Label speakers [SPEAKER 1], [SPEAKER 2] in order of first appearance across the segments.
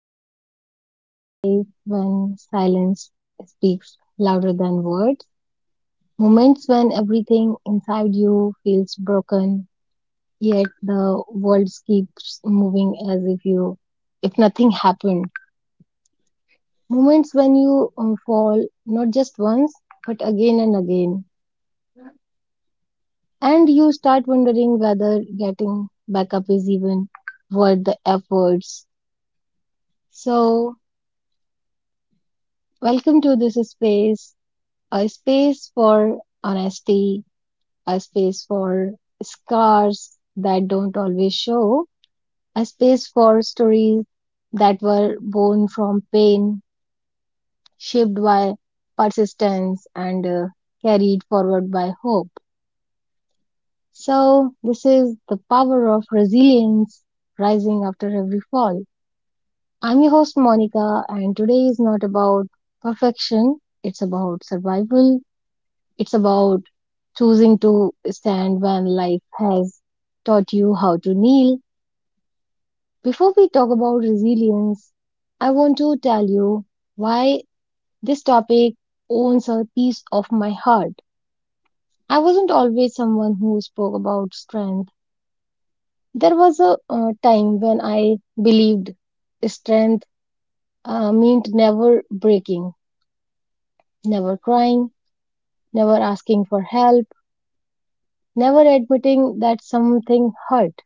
[SPEAKER 1] There are moments in life when silence speaks louder than words, moments when everything inside you feels broken, yet the world keeps moving as if you if nothing happened. Moments when you fall not just once, but again and again. And you start wondering whether getting back up is even worth the efforts. So, Welcome to this space, a space for honesty, a space for scars that don't always show, a space for stories that were born from pain, shaped by persistence, and carried forward by hope. So, this is the power of resilience rising after every fall. I'm your host, Monica, and today is not about perfection, it's about survival. It's about choosing to stand when life has taught you how to kneel. Before we talk about resilience, I want to tell you why this topic owns a piece of my heart. I wasn't always someone who spoke about strength. There was a time when I believed strength meant never breaking, never crying, never asking for help, never admitting that something hurt.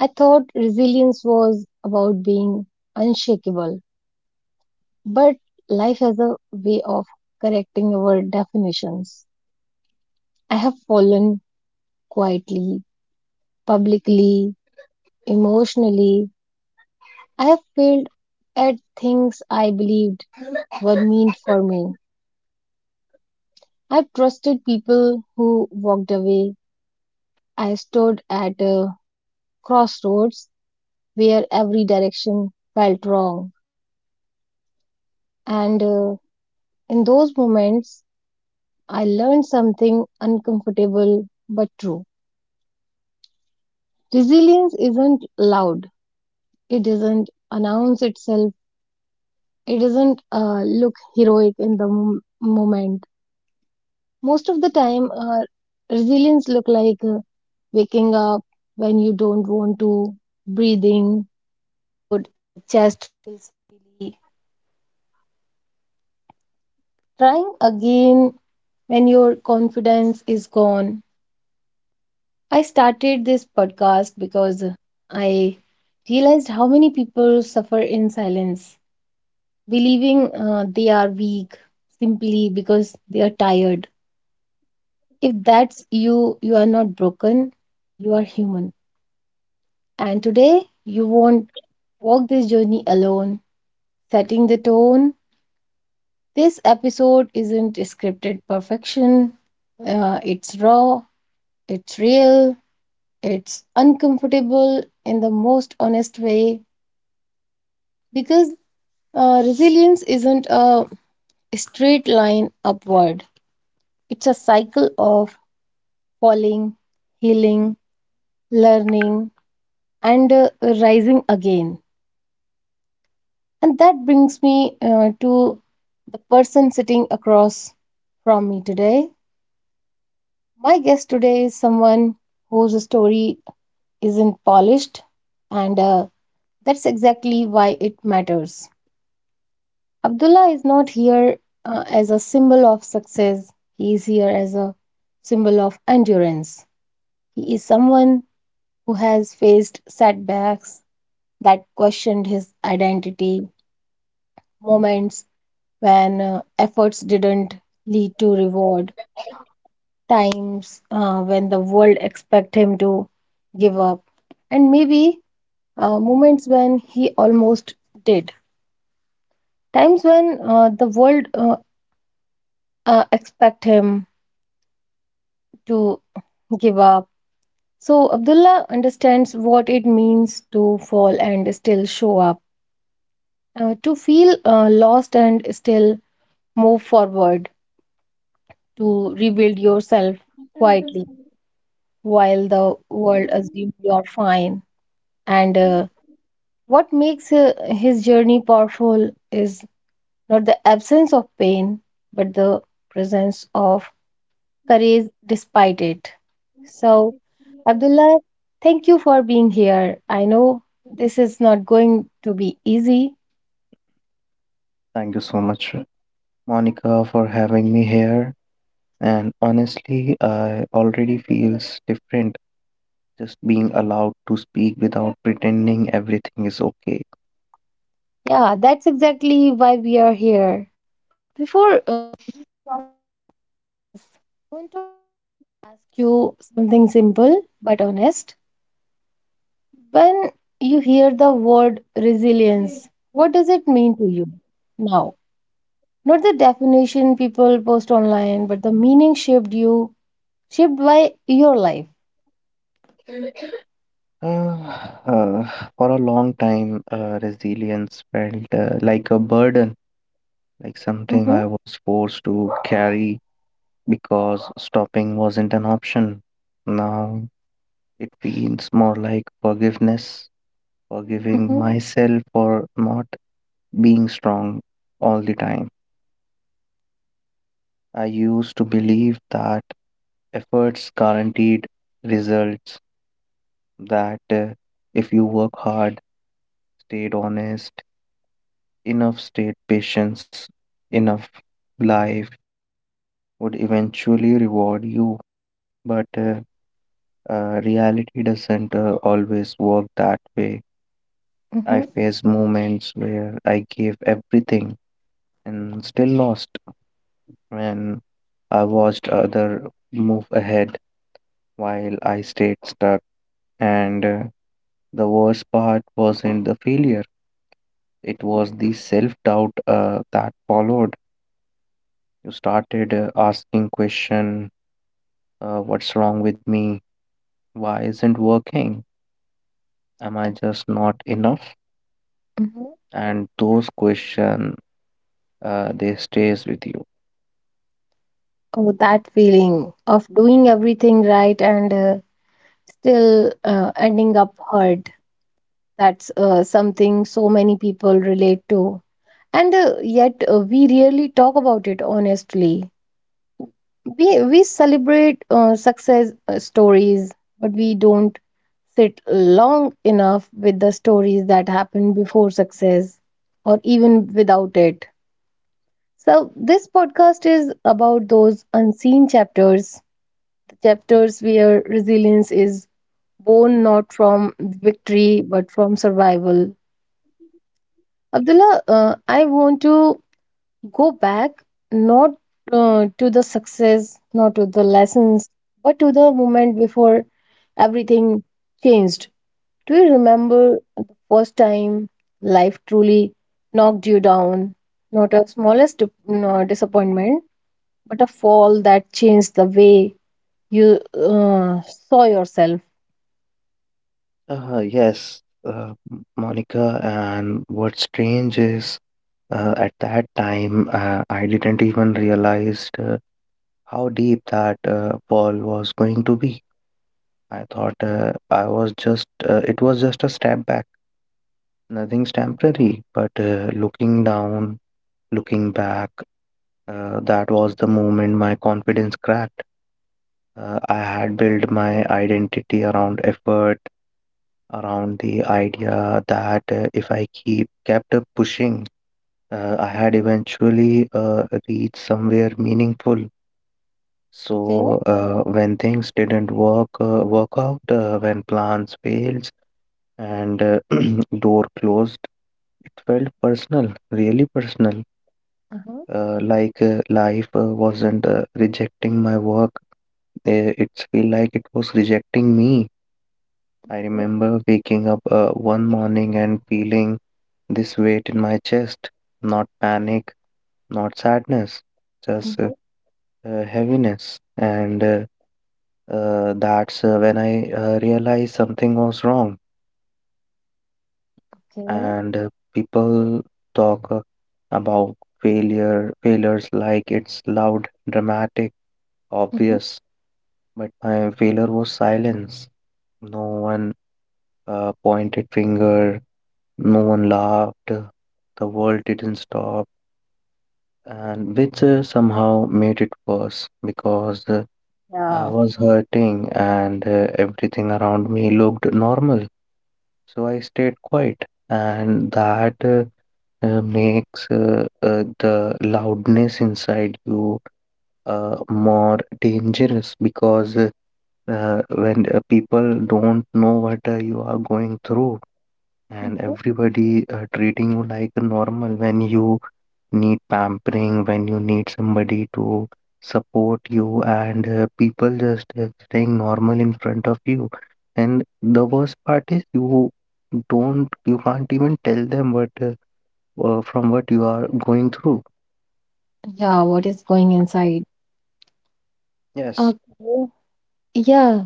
[SPEAKER 1] I thought resilience was about being unshakable, but life has a way of correcting our definitions. I have fallen quietly, publicly, emotionally. I have failed at things I believed were meant for me. I trusted people who walked away. I stood at a crossroads where every direction felt wrong. And In those moments, I learned something uncomfortable but true. Resilience isn't loud, it doesn't announce itself, it doesn't look heroic in the moment. Most of the time, resilience look like waking up when you don't want to, breathing, good. Just trying again when your confidence is gone. I started this podcast because I realized how many people suffer in silence believing they are weak simply because they are tired. If that's you, you are not broken, you are human. And today, you won't walk this journey alone. Setting the tone, this episode isn't scripted perfection, it's raw, it's real, it's uncomfortable in the most honest way because resilience isn't a straight line upward. It's a cycle of falling, healing, learning, and rising again. And that brings me to the person sitting across from me today. My guest today is someone whose story isn't polished, and that's exactly why it matters. Abdullah is not here as a symbol of success, he is here as a symbol of endurance. He is someone who has faced setbacks that questioned his identity, moments when efforts didn't lead to reward, times when the world expect him to give up, and maybe moments when he almost did. Times when the world expect him to give up. So Abdullah understands what it means to fall and still show up, to feel lost and still move forward, to rebuild yourself quietly while the world assumes you're fine. And What makes his journey powerful is not the absence of pain, but the presence of courage despite it. So, Abdullah, thank you for being here. I know this is not going to be easy.
[SPEAKER 2] Thank you so much, Monica, for having me here. And honestly, I already feels different just being allowed to speak without pretending everything is okay.
[SPEAKER 1] Yeah, that's exactly why we are here. Before, I want to ask you something simple but honest. When you hear the word resilience, what does it mean to you now? Not the definition people post online, but the meaning shaped you, shaped by your life.
[SPEAKER 2] Uh, uh, for a long time, resilience felt like a burden, like something I was
[SPEAKER 1] Mm-hmm.
[SPEAKER 2] forced to carry because stopping wasn't an option. Now it feels more like forgiveness, forgiving
[SPEAKER 1] Mm-hmm.
[SPEAKER 2] myself for not being strong all the time. I used to believe that efforts guaranteed results, that if you work hard, stayed honest, enough stayed patience, enough life would eventually reward you. But reality doesn't always work that way. I faced
[SPEAKER 1] Mm-hmm.
[SPEAKER 2] moments where I gave everything and still lost when I watched other move ahead while I stayed stuck. And The worst part wasn't the failure, it was the self doubt that followed. You started asking question, what's wrong with me? Why isn't working? Am I
[SPEAKER 1] Okay.
[SPEAKER 2] just not enough?
[SPEAKER 1] Mm-hmm.
[SPEAKER 2] And those questions, they stays with you.
[SPEAKER 1] Oh, that feeling of doing everything right and still ending up hurt. That's something so many people relate to. And yet, we rarely talk about it honestly. We celebrate success stories, but we don't sit long enough with the stories that happened before success or even without it. So this podcast is about those unseen chapters, the chapters where resilience is born not from victory but from survival. Abdullah, I want to go back, not to the success, not to the lessons, but to the moment before everything changed. Do you remember the first time life truly knocked you down? Not a smallest dip- no, disappointment, but a fall that changed the way you saw yourself.
[SPEAKER 2] Yes, Monica, and what's strange is at that time, I didn't even realize how deep that ball was going to be. I thought I was just, it was just a step back, nothing's temporary. But looking down, looking back, that was the moment my confidence cracked. I had built my identity around effort, around the idea that if I keep kept pushing, I had eventually reached somewhere meaningful.
[SPEAKER 1] Okay.
[SPEAKER 2] So, when things didn't work out, when plans failed and door closed, it felt personal, really personal.
[SPEAKER 1] Uh-huh.
[SPEAKER 2] Like life wasn't rejecting my work. It's feel like it was rejecting me. I remember waking up one morning and feeling this weight in my chest, not panic, not sadness, just
[SPEAKER 1] Mm-hmm. Mm-hmm.
[SPEAKER 2] heaviness and that's when I realized something was wrong,
[SPEAKER 1] Okay.
[SPEAKER 2] and people talk about failures like it's loud, dramatic,
[SPEAKER 1] Hmm.
[SPEAKER 2] obvious. But my failure was silence. No one pointed finger, no one laughed, the world didn't stop, and which somehow made it worse because I
[SPEAKER 1] Yeah.
[SPEAKER 2] was hurting and everything around me looked normal. So I stayed quiet, and that makes the loudness inside you more dangerous because when people don't know what you are going through, and
[SPEAKER 1] Hmm.
[SPEAKER 2] everybody treating you like normal when you need pampering, when you need somebody to support you, and people just staying normal in front of you. And the worst part is you can't even tell them what from what you are going through.
[SPEAKER 1] Yeah. What is going inside?
[SPEAKER 2] Yes,
[SPEAKER 1] Okay. Yeah.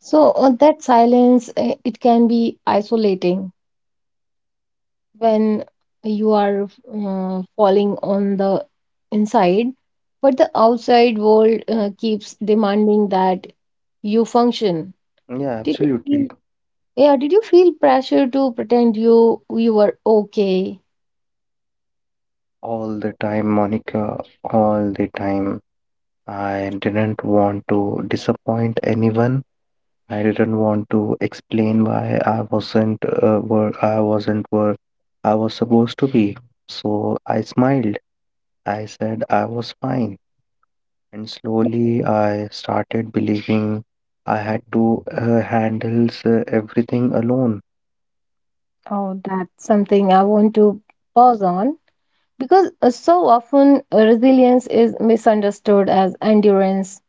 [SPEAKER 1] So that silence, it can be isolating when you are falling on the inside, but the outside world keeps demanding that you function.
[SPEAKER 2] yeah,
[SPEAKER 1] Did you
[SPEAKER 2] absolutely.
[SPEAKER 1] feel, yeah, did you feel pressure to pretend you were okay?
[SPEAKER 2] All the time, Monica, all the time. I didn't want to disappoint anyone. I didn't want to explain why I wasn't where I was supposed to be. So I smiled. I said I was fine. And slowly I started believing I had to handle everything alone.
[SPEAKER 1] Oh, that's something I want to pause on because so often resilience is misunderstood as endurance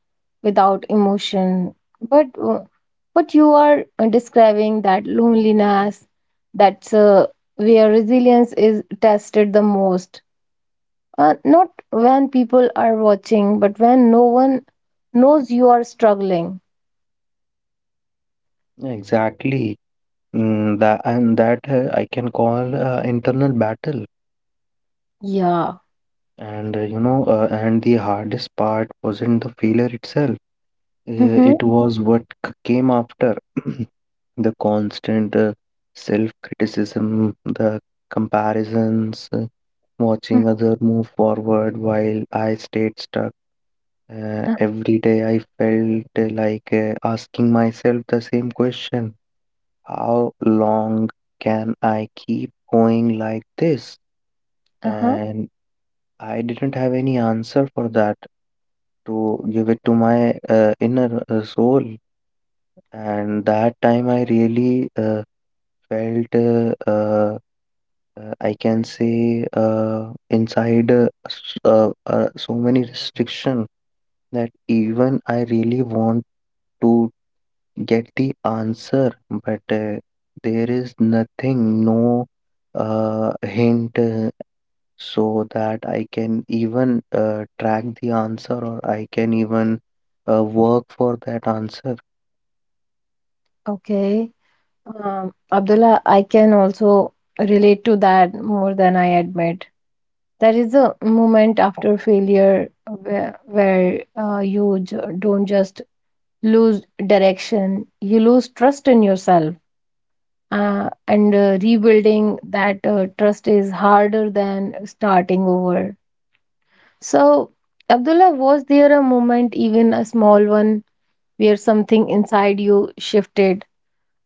[SPEAKER 1] without emotion. But what you are describing, that loneliness, that's where resilience is tested the most. Not when people are watching, but when no one knows you are struggling.
[SPEAKER 2] Exactly. Mm, that and that I can call internal battle.
[SPEAKER 1] Yeah.
[SPEAKER 2] And and the hardest part wasn't the failure itself.
[SPEAKER 1] Mm-hmm.
[SPEAKER 2] It was what came after. The constant self criticism, the comparisons, watching other move forward while I stayed stuck. Every day I felt like asking myself the same question: how long can I keep going like this?
[SPEAKER 1] Uh huh.
[SPEAKER 2] And I didn't have any answer for that to give it to my inner soul, and that time I really felt, I can say, inside so many restriction that even I really want to get the answer, but there is nothing, no hint, so that I can even track the answer, or I can even work for that answer.
[SPEAKER 1] Okay. Abdullah, I can also relate to that more than I admit. There is a moment after failure where you don't just lose direction, you lose trust in yourself. And rebuilding that trust is harder than starting over. So, Abdullah, was there a moment, even a small one, where something inside you shifted?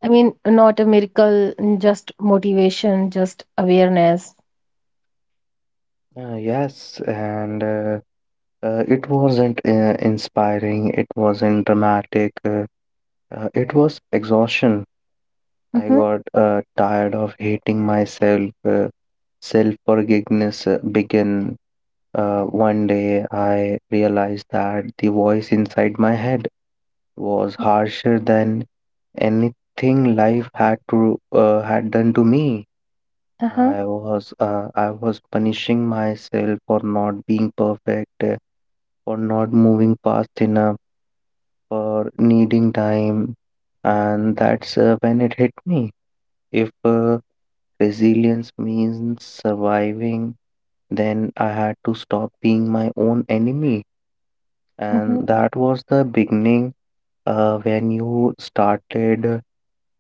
[SPEAKER 1] I mean, not a miracle, just motivation, just awareness.
[SPEAKER 2] Yes, and it wasn't inspiring, it wasn't dramatic, it was exhaustion. I
[SPEAKER 1] Mm-hmm.
[SPEAKER 2] got tired of hating myself. Self forgiveness began. One day I realized that the voice inside my head was harsher than anything life had to had done to me.
[SPEAKER 1] Uh-huh.
[SPEAKER 2] I was punishing myself for not being perfect, for not moving fast enough, for needing time. And that's when it hit me. If resilience means surviving, then I had to stop being my own enemy.
[SPEAKER 1] Mm-hmm.
[SPEAKER 2] And that was the beginning uh, when you started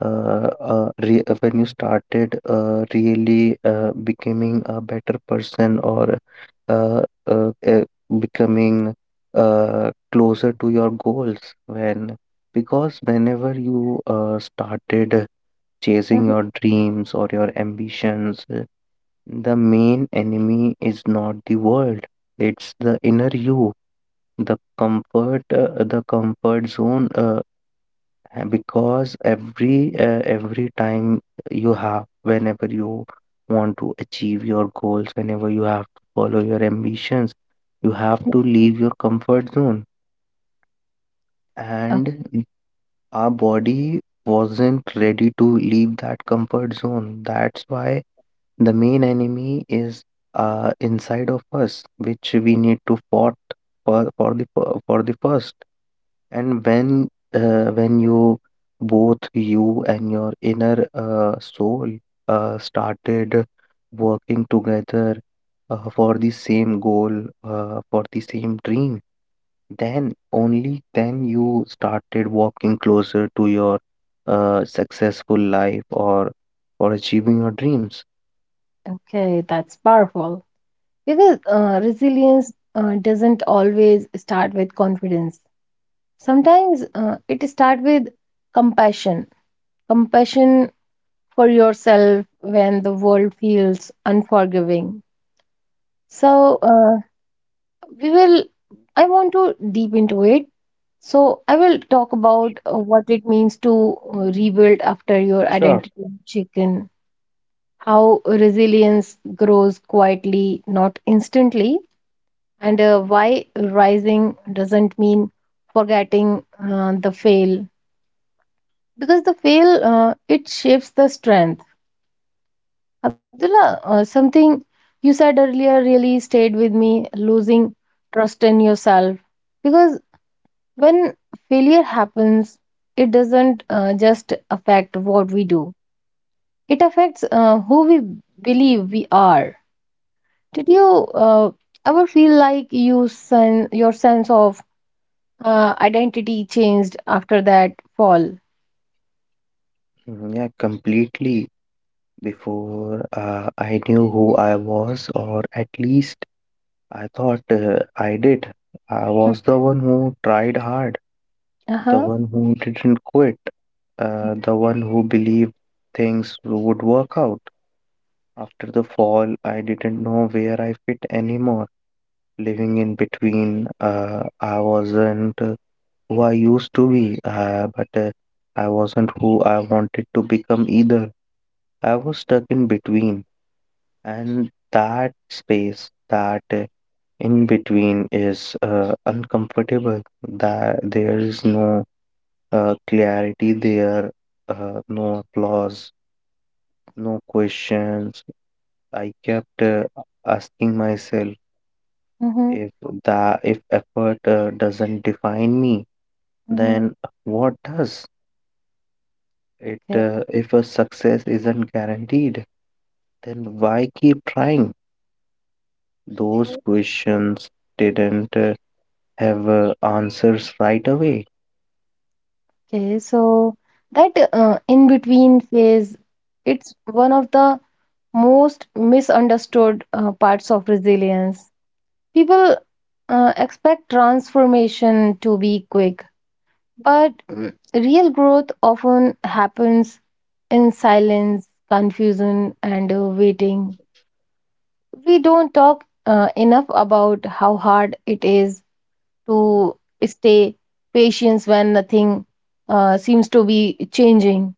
[SPEAKER 2] when you started really becoming a better person, or uh, uh, uh, becoming closer to your goals, when, because whenever you started chasing
[SPEAKER 1] Mm-hmm.
[SPEAKER 2] your dreams or your ambitions, the main enemy is not the world, it's the inner you, the comfort zone, because every time you have whenever you want to achieve your goals, whenever you have to follow your ambitions, you have to leave your comfort zone.
[SPEAKER 1] Okay.
[SPEAKER 2] And our body wasn't ready to leave that comfort zone. That's why the main enemy is inside of us, which we need to fought for the first. And when you, both you and your inner soul, started working together, for the same goal, for the same dream, then only then you started walking closer to your successful life, or for achieving your dreams.
[SPEAKER 1] Okay, that's powerful. Because resilience doesn't always start with confidence, sometimes it starts with compassion, compassion for yourself when the world feels unforgiving. So, uh, we will I want to deep into it. So I will talk about what it means to rebuild after your identity chicken, how resilience grows quietly, not instantly, and why rising doesn't mean forgetting the fail, because the fail it shapes the strength. Abdullah, something you said earlier really stayed with me: losing trust in yourself. Because when failure happens, it doesn't just affect what we do, it affects who we believe we are. Did you uh, ever feel like your sense of identity changed after that fall?
[SPEAKER 2] Mm, yeah, completely. Before, I knew who I was, or at least I thought I did. I was the one who tried hard,
[SPEAKER 1] Mm-hmm.
[SPEAKER 2] the
[SPEAKER 1] Uh-huh.
[SPEAKER 2] one who didn't quit,
[SPEAKER 1] Mm-hmm.
[SPEAKER 2] the one who believed things would work out. After the fall, I didn't know where I fit anymore. Living in between, I wasn't who I used to be, but I wasn't who I wanted to become either. I was stuck in between, and that space, that in between is uncomfortable. That There is no clarity there, no applause, no questions. I kept asking myself,
[SPEAKER 1] Mm-hmm.
[SPEAKER 2] if the if effort doesn't define me,
[SPEAKER 1] Mm-hmm.
[SPEAKER 2] then what does it?
[SPEAKER 1] Okay.
[SPEAKER 2] If a success isn't guaranteed, then why keep trying? Those questions didn't have answers right away.
[SPEAKER 1] Okay, so that in between phase, it's one of the most misunderstood parts of resilience. People expect transformation to be quick, but real growth often happens in silence, confusion, and waiting. We don't talk enough about how hard it is to stay patient when nothing seems to be changing.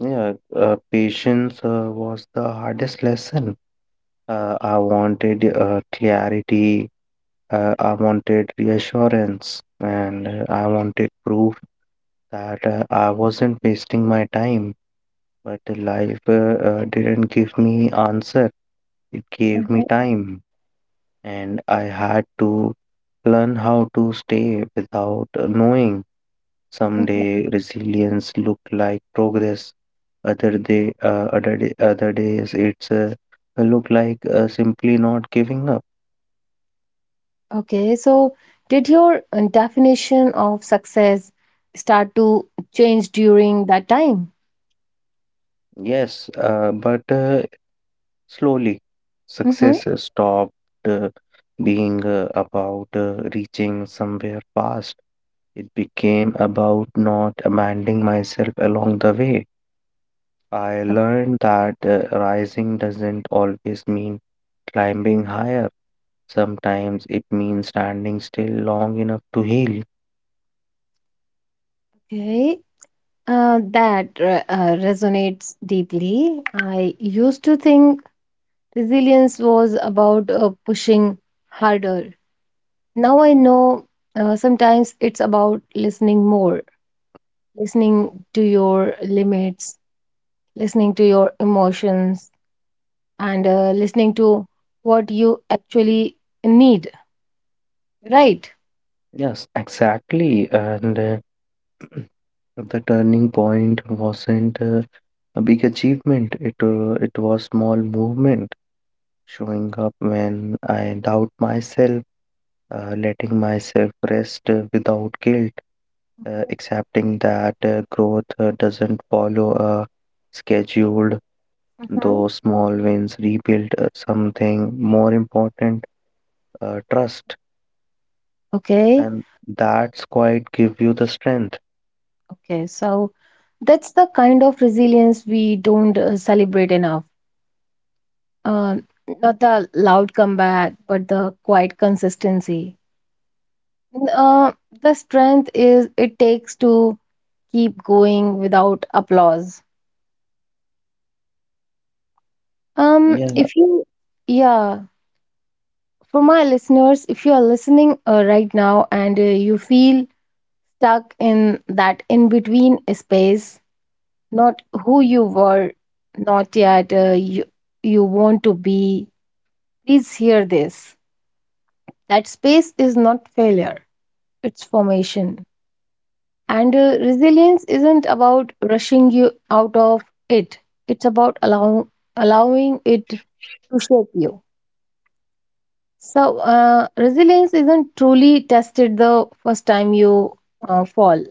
[SPEAKER 2] Yeah, patience was the hardest lesson. I wanted clarity, I wanted reassurance, and I wanted proof that I wasn't wasting my time. But life didn't give me answer. It gave me time, and I had to learn how to stay without knowing. Some
[SPEAKER 1] Mhm.
[SPEAKER 2] day resilience look like progress. Other days it's look like simply not giving up.
[SPEAKER 1] Okay, so did your definition of success start to change during that time?
[SPEAKER 2] Yes, but slowly,
[SPEAKER 1] Mm-hmm.
[SPEAKER 2] success stopped uh, being about reaching somewhere fast. It became about not abandoning myself along the way. I learned that rising doesn't always mean climbing higher. Sometimes it means standing still long enough to heal.
[SPEAKER 1] Okay, that re- resonates deeply. I used to think resilience was about pushing harder. Now I know sometimes it's about listening more, listening to your limits, listening to your emotions, and listening to what you actually need. Right.
[SPEAKER 2] Yes, exactly. And the turning point wasn't a big achievement. It was small movement, showing up when I doubt myself, letting myself rest without guilt,
[SPEAKER 1] Mhm.
[SPEAKER 2] accepting that growth doesn't follow a scheduled.
[SPEAKER 1] Mhm.
[SPEAKER 2] Those small wins rebuild something more important, trust.
[SPEAKER 1] Okay.
[SPEAKER 2] And that's quite give you the strength.
[SPEAKER 1] Okay. So that's the kind of resilience we don't celebrate enough. Uh, Not the loud comeback, but the quiet consistency. Uh, the strength is it takes to keep going without applause.
[SPEAKER 2] Yeah,
[SPEAKER 1] If you, yeah, For my listeners, if you are listening right now and you feel stuck in that in between space, not who you were, not yet you want to be. Please hear this. That space is not failure, it's formation. And resilience isn't about rushing you out of it, it's about allowing it to shape you. So, resilience isn't truly tested the first time you fall.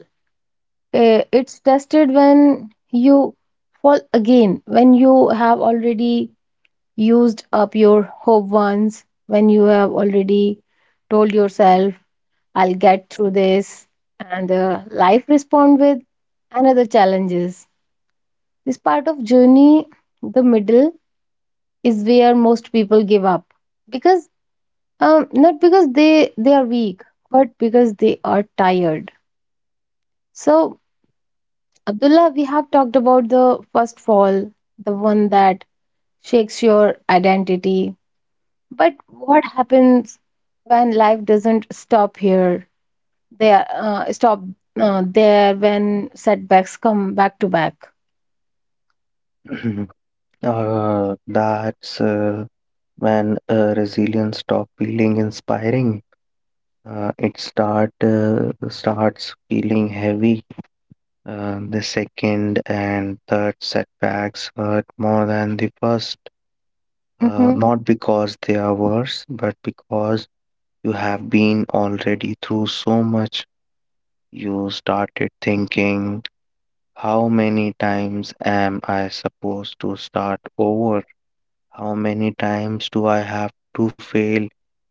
[SPEAKER 1] It's tested when you fall again, when you have already used up your hope once, when you have already told yourself, I'll get through this, and life respond with another challenges. This part of journey, the middle, is where most people give up because, not because they are weak, but because they are tired. So Abdullah, we have talked about the first fall, the one that shakes your identity. But what happens when life doesn't stop here? There, uh, stop there when setbacks come back to back.
[SPEAKER 2] that's when resilience stop feeling inspiring. Uh, it starts feeling heavy. The second and third setbacks hurt more than the first.
[SPEAKER 1] Mm-hmm.
[SPEAKER 2] Not because they are worse, but because you have been already through so much. You started thinking, how many times am I supposed to start over? How many times do I have to fail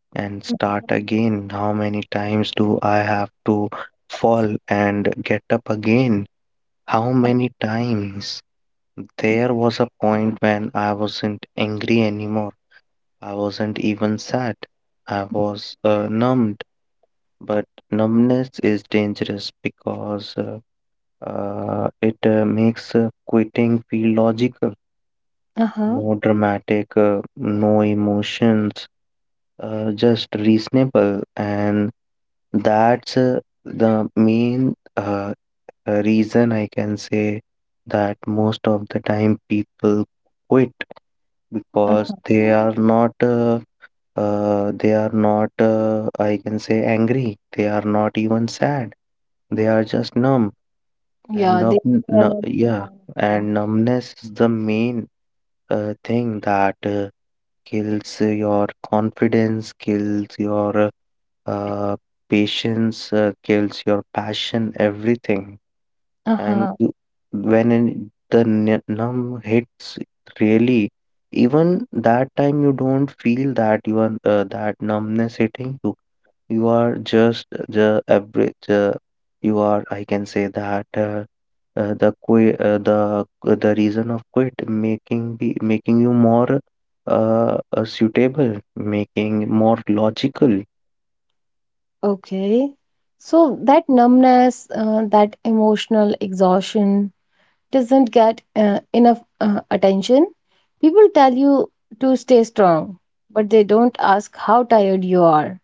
[SPEAKER 2] and start again? How many times do I have to fall and get up again? How many times? There was a point when I wasn't angry anymore. I wasn't even sad. I was numbed. But numbness is dangerous because it makes quitting feel logical.
[SPEAKER 1] Uh-huh.
[SPEAKER 2] No dramatic, no emotions, just reasonable. And that's the main, reason I can say that most of the time people quit because
[SPEAKER 1] Uh-huh.
[SPEAKER 2] they are not, I can say, angry. They are not even sad. They are just numb. And
[SPEAKER 1] Yeah,
[SPEAKER 2] numb,
[SPEAKER 1] they are not
[SPEAKER 2] yeah,
[SPEAKER 1] reliable.
[SPEAKER 2] and numbness is the main thing that. Kills your confidence, kills your uh, patience, kills your passion, everything. And
[SPEAKER 1] Uh-huh.
[SPEAKER 2] you, when numb hits, really, even that time you don't feel that numbness hitting you, you are just the average. You are, I can say that, the reason of quit making be making you more suitable, making more logical.
[SPEAKER 1] Okay. So that numbness, that emotional exhaustion, doesn't get enough attention. People tell you to stay strong, but they don't ask how tired you are.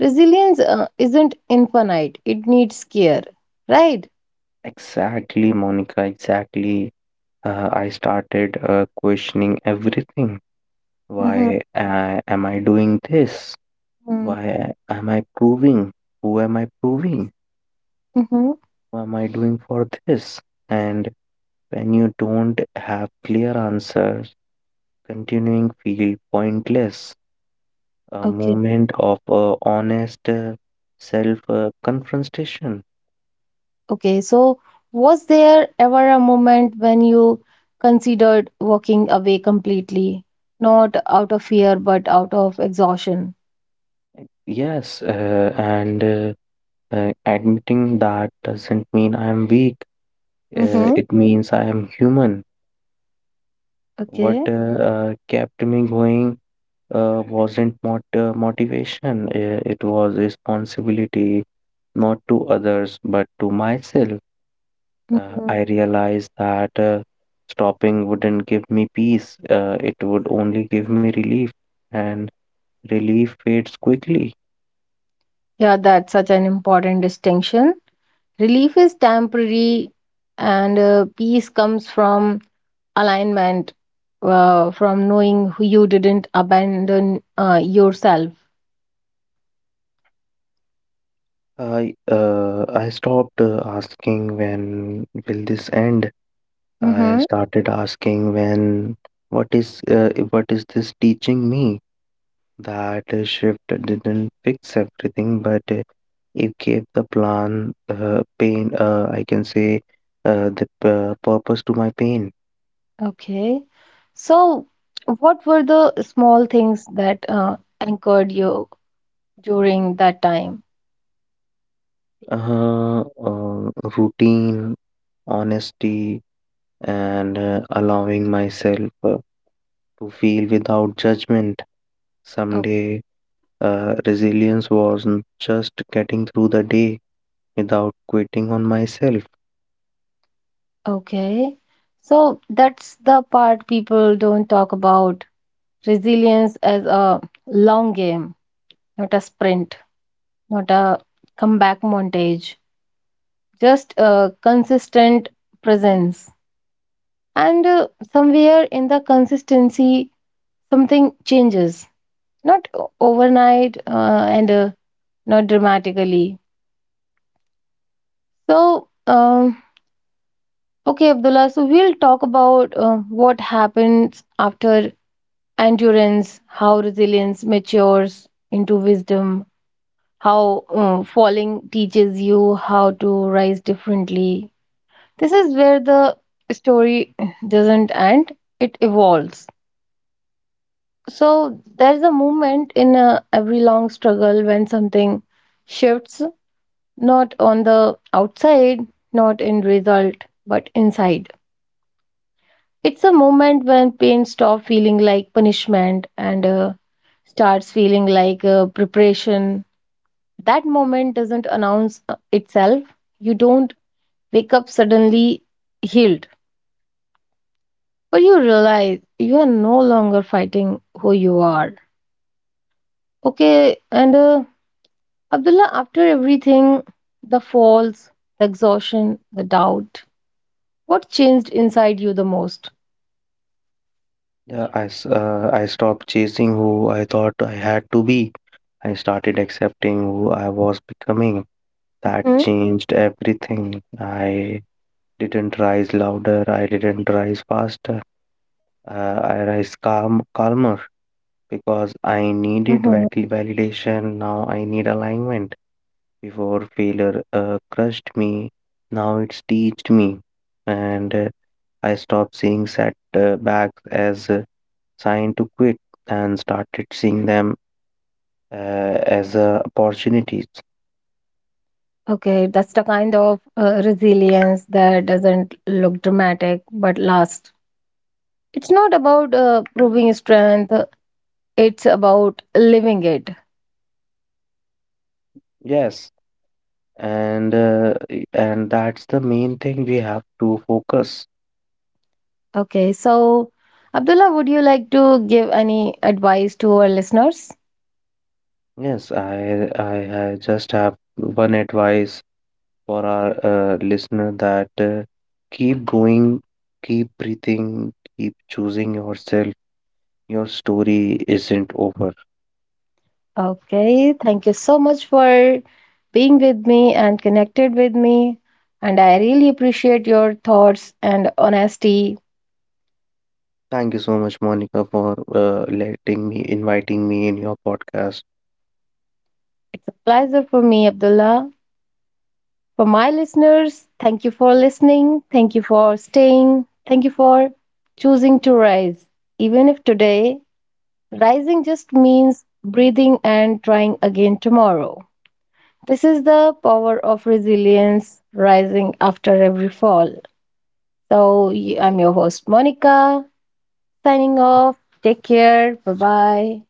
[SPEAKER 1] Resilience isn't infinite, it needs care, right?
[SPEAKER 2] Exactly, Monica. Exactly. I started questioning everything.
[SPEAKER 1] Mm-hmm.
[SPEAKER 2] Why am I doing this?
[SPEAKER 1] Mm-hmm.
[SPEAKER 2] Why am I proving? Who am I proving?
[SPEAKER 1] Mm-hmm.
[SPEAKER 2] Who am I doing for this? And when you don't have clear answers, continuing feel pointless. A
[SPEAKER 1] Okay.
[SPEAKER 2] moment of honest self confrontation.
[SPEAKER 1] Okay. So, was there ever a moment when you considered walking away completely? Not out of fear, but out of exhaustion.
[SPEAKER 2] Yes, and admitting that doesn't mean I'm weak.
[SPEAKER 1] Mm-hmm.
[SPEAKER 2] It means I am human. What
[SPEAKER 1] Okay.
[SPEAKER 2] uh, uh, kept me going wasn't motivation. It was responsibility, not to others, but to myself.
[SPEAKER 1] Mm-hmm.
[SPEAKER 2] I realized that stopping wouldn't give me peace, it would only give me relief, and relief fades quickly.
[SPEAKER 1] Yeah, that's such an important distinction. Relief is temporary, and peace comes from alignment, from knowing who you didn't abandon yourself.
[SPEAKER 2] I stopped asking when will this end. I
[SPEAKER 1] Mm-hmm.
[SPEAKER 2] started asking when what is this teaching me? That shift didn't fix everything, but it gave the plan pain. I can say the purpose to my pain.
[SPEAKER 1] Okay. So, what were the small things that anchored you during that time?
[SPEAKER 2] Uh, uh, Routine, honesty, and allowing myself to feel without judgment.
[SPEAKER 1] O-
[SPEAKER 2] Someday, resilience wasn't just getting through the day without quitting on myself.
[SPEAKER 1] Okay. So, that's the part people don't talk about. Resilience as a long game, not a sprint, not a comeback montage, just a consistent presence. And somewhere in the consistency, something changes, not overnight and not dramatically. So, okay, Abdullah, so we'll talk about what happens after endurance, how resilience matures into wisdom, how falling teaches you how to rise differently. This is where the story doesn't end, it evolves. So there's a moment in every long struggle when something shifts, not on the outside, not in result, but inside. It's a moment when pain stops feeling like punishment and starts feeling like preparation. That moment doesn't announce itself. You don't wake up suddenly healed, but you realize you are no longer fighting who you are. Okay, and Abdullah, after everything, the falls, the exhaustion, the doubt, what changed inside you the most?
[SPEAKER 2] Yeah, I stopped chasing who I thought I had to be. I started accepting who I was becoming. That
[SPEAKER 1] Hmm.
[SPEAKER 2] changed everything. I didn't rise louder, I didn't rise faster. Uh, I rise calmer. Because
[SPEAKER 1] Hmm.
[SPEAKER 2] I needed validation. Now I need alignment. Before, failure crushed me, now it's teached me. And I stopped seeing setbacks as a sign to quit and started seeing them uh, as opportunities.
[SPEAKER 1] Okay, that's the kind of resilience that doesn't look dramatic but lasts. It's not about proving strength, it's about living it.
[SPEAKER 2] Yes, and and that's the main thing we have to focus.
[SPEAKER 1] Okay, so Abdullah, would you like to give any advice to our listeners?
[SPEAKER 2] Yes, I just have one advice for our listener that keep going, keep breathing, keep choosing yourself. Your story isn't over.
[SPEAKER 1] Okay, thank you so much for being with me and connected with me. And I really appreciate your thoughts and honesty.
[SPEAKER 2] Thank you so much, Monica, for inviting me in your podcast.
[SPEAKER 1] It's a pleasure for me, Abdullah. For my listeners, thank you for listening. Thank you for staying. Thank you for choosing to rise. Even if today, rising just means breathing and trying again tomorrow. This is the power of resilience rising after every fall. So, I'm your host, Monica, signing off. Take care. Bye bye.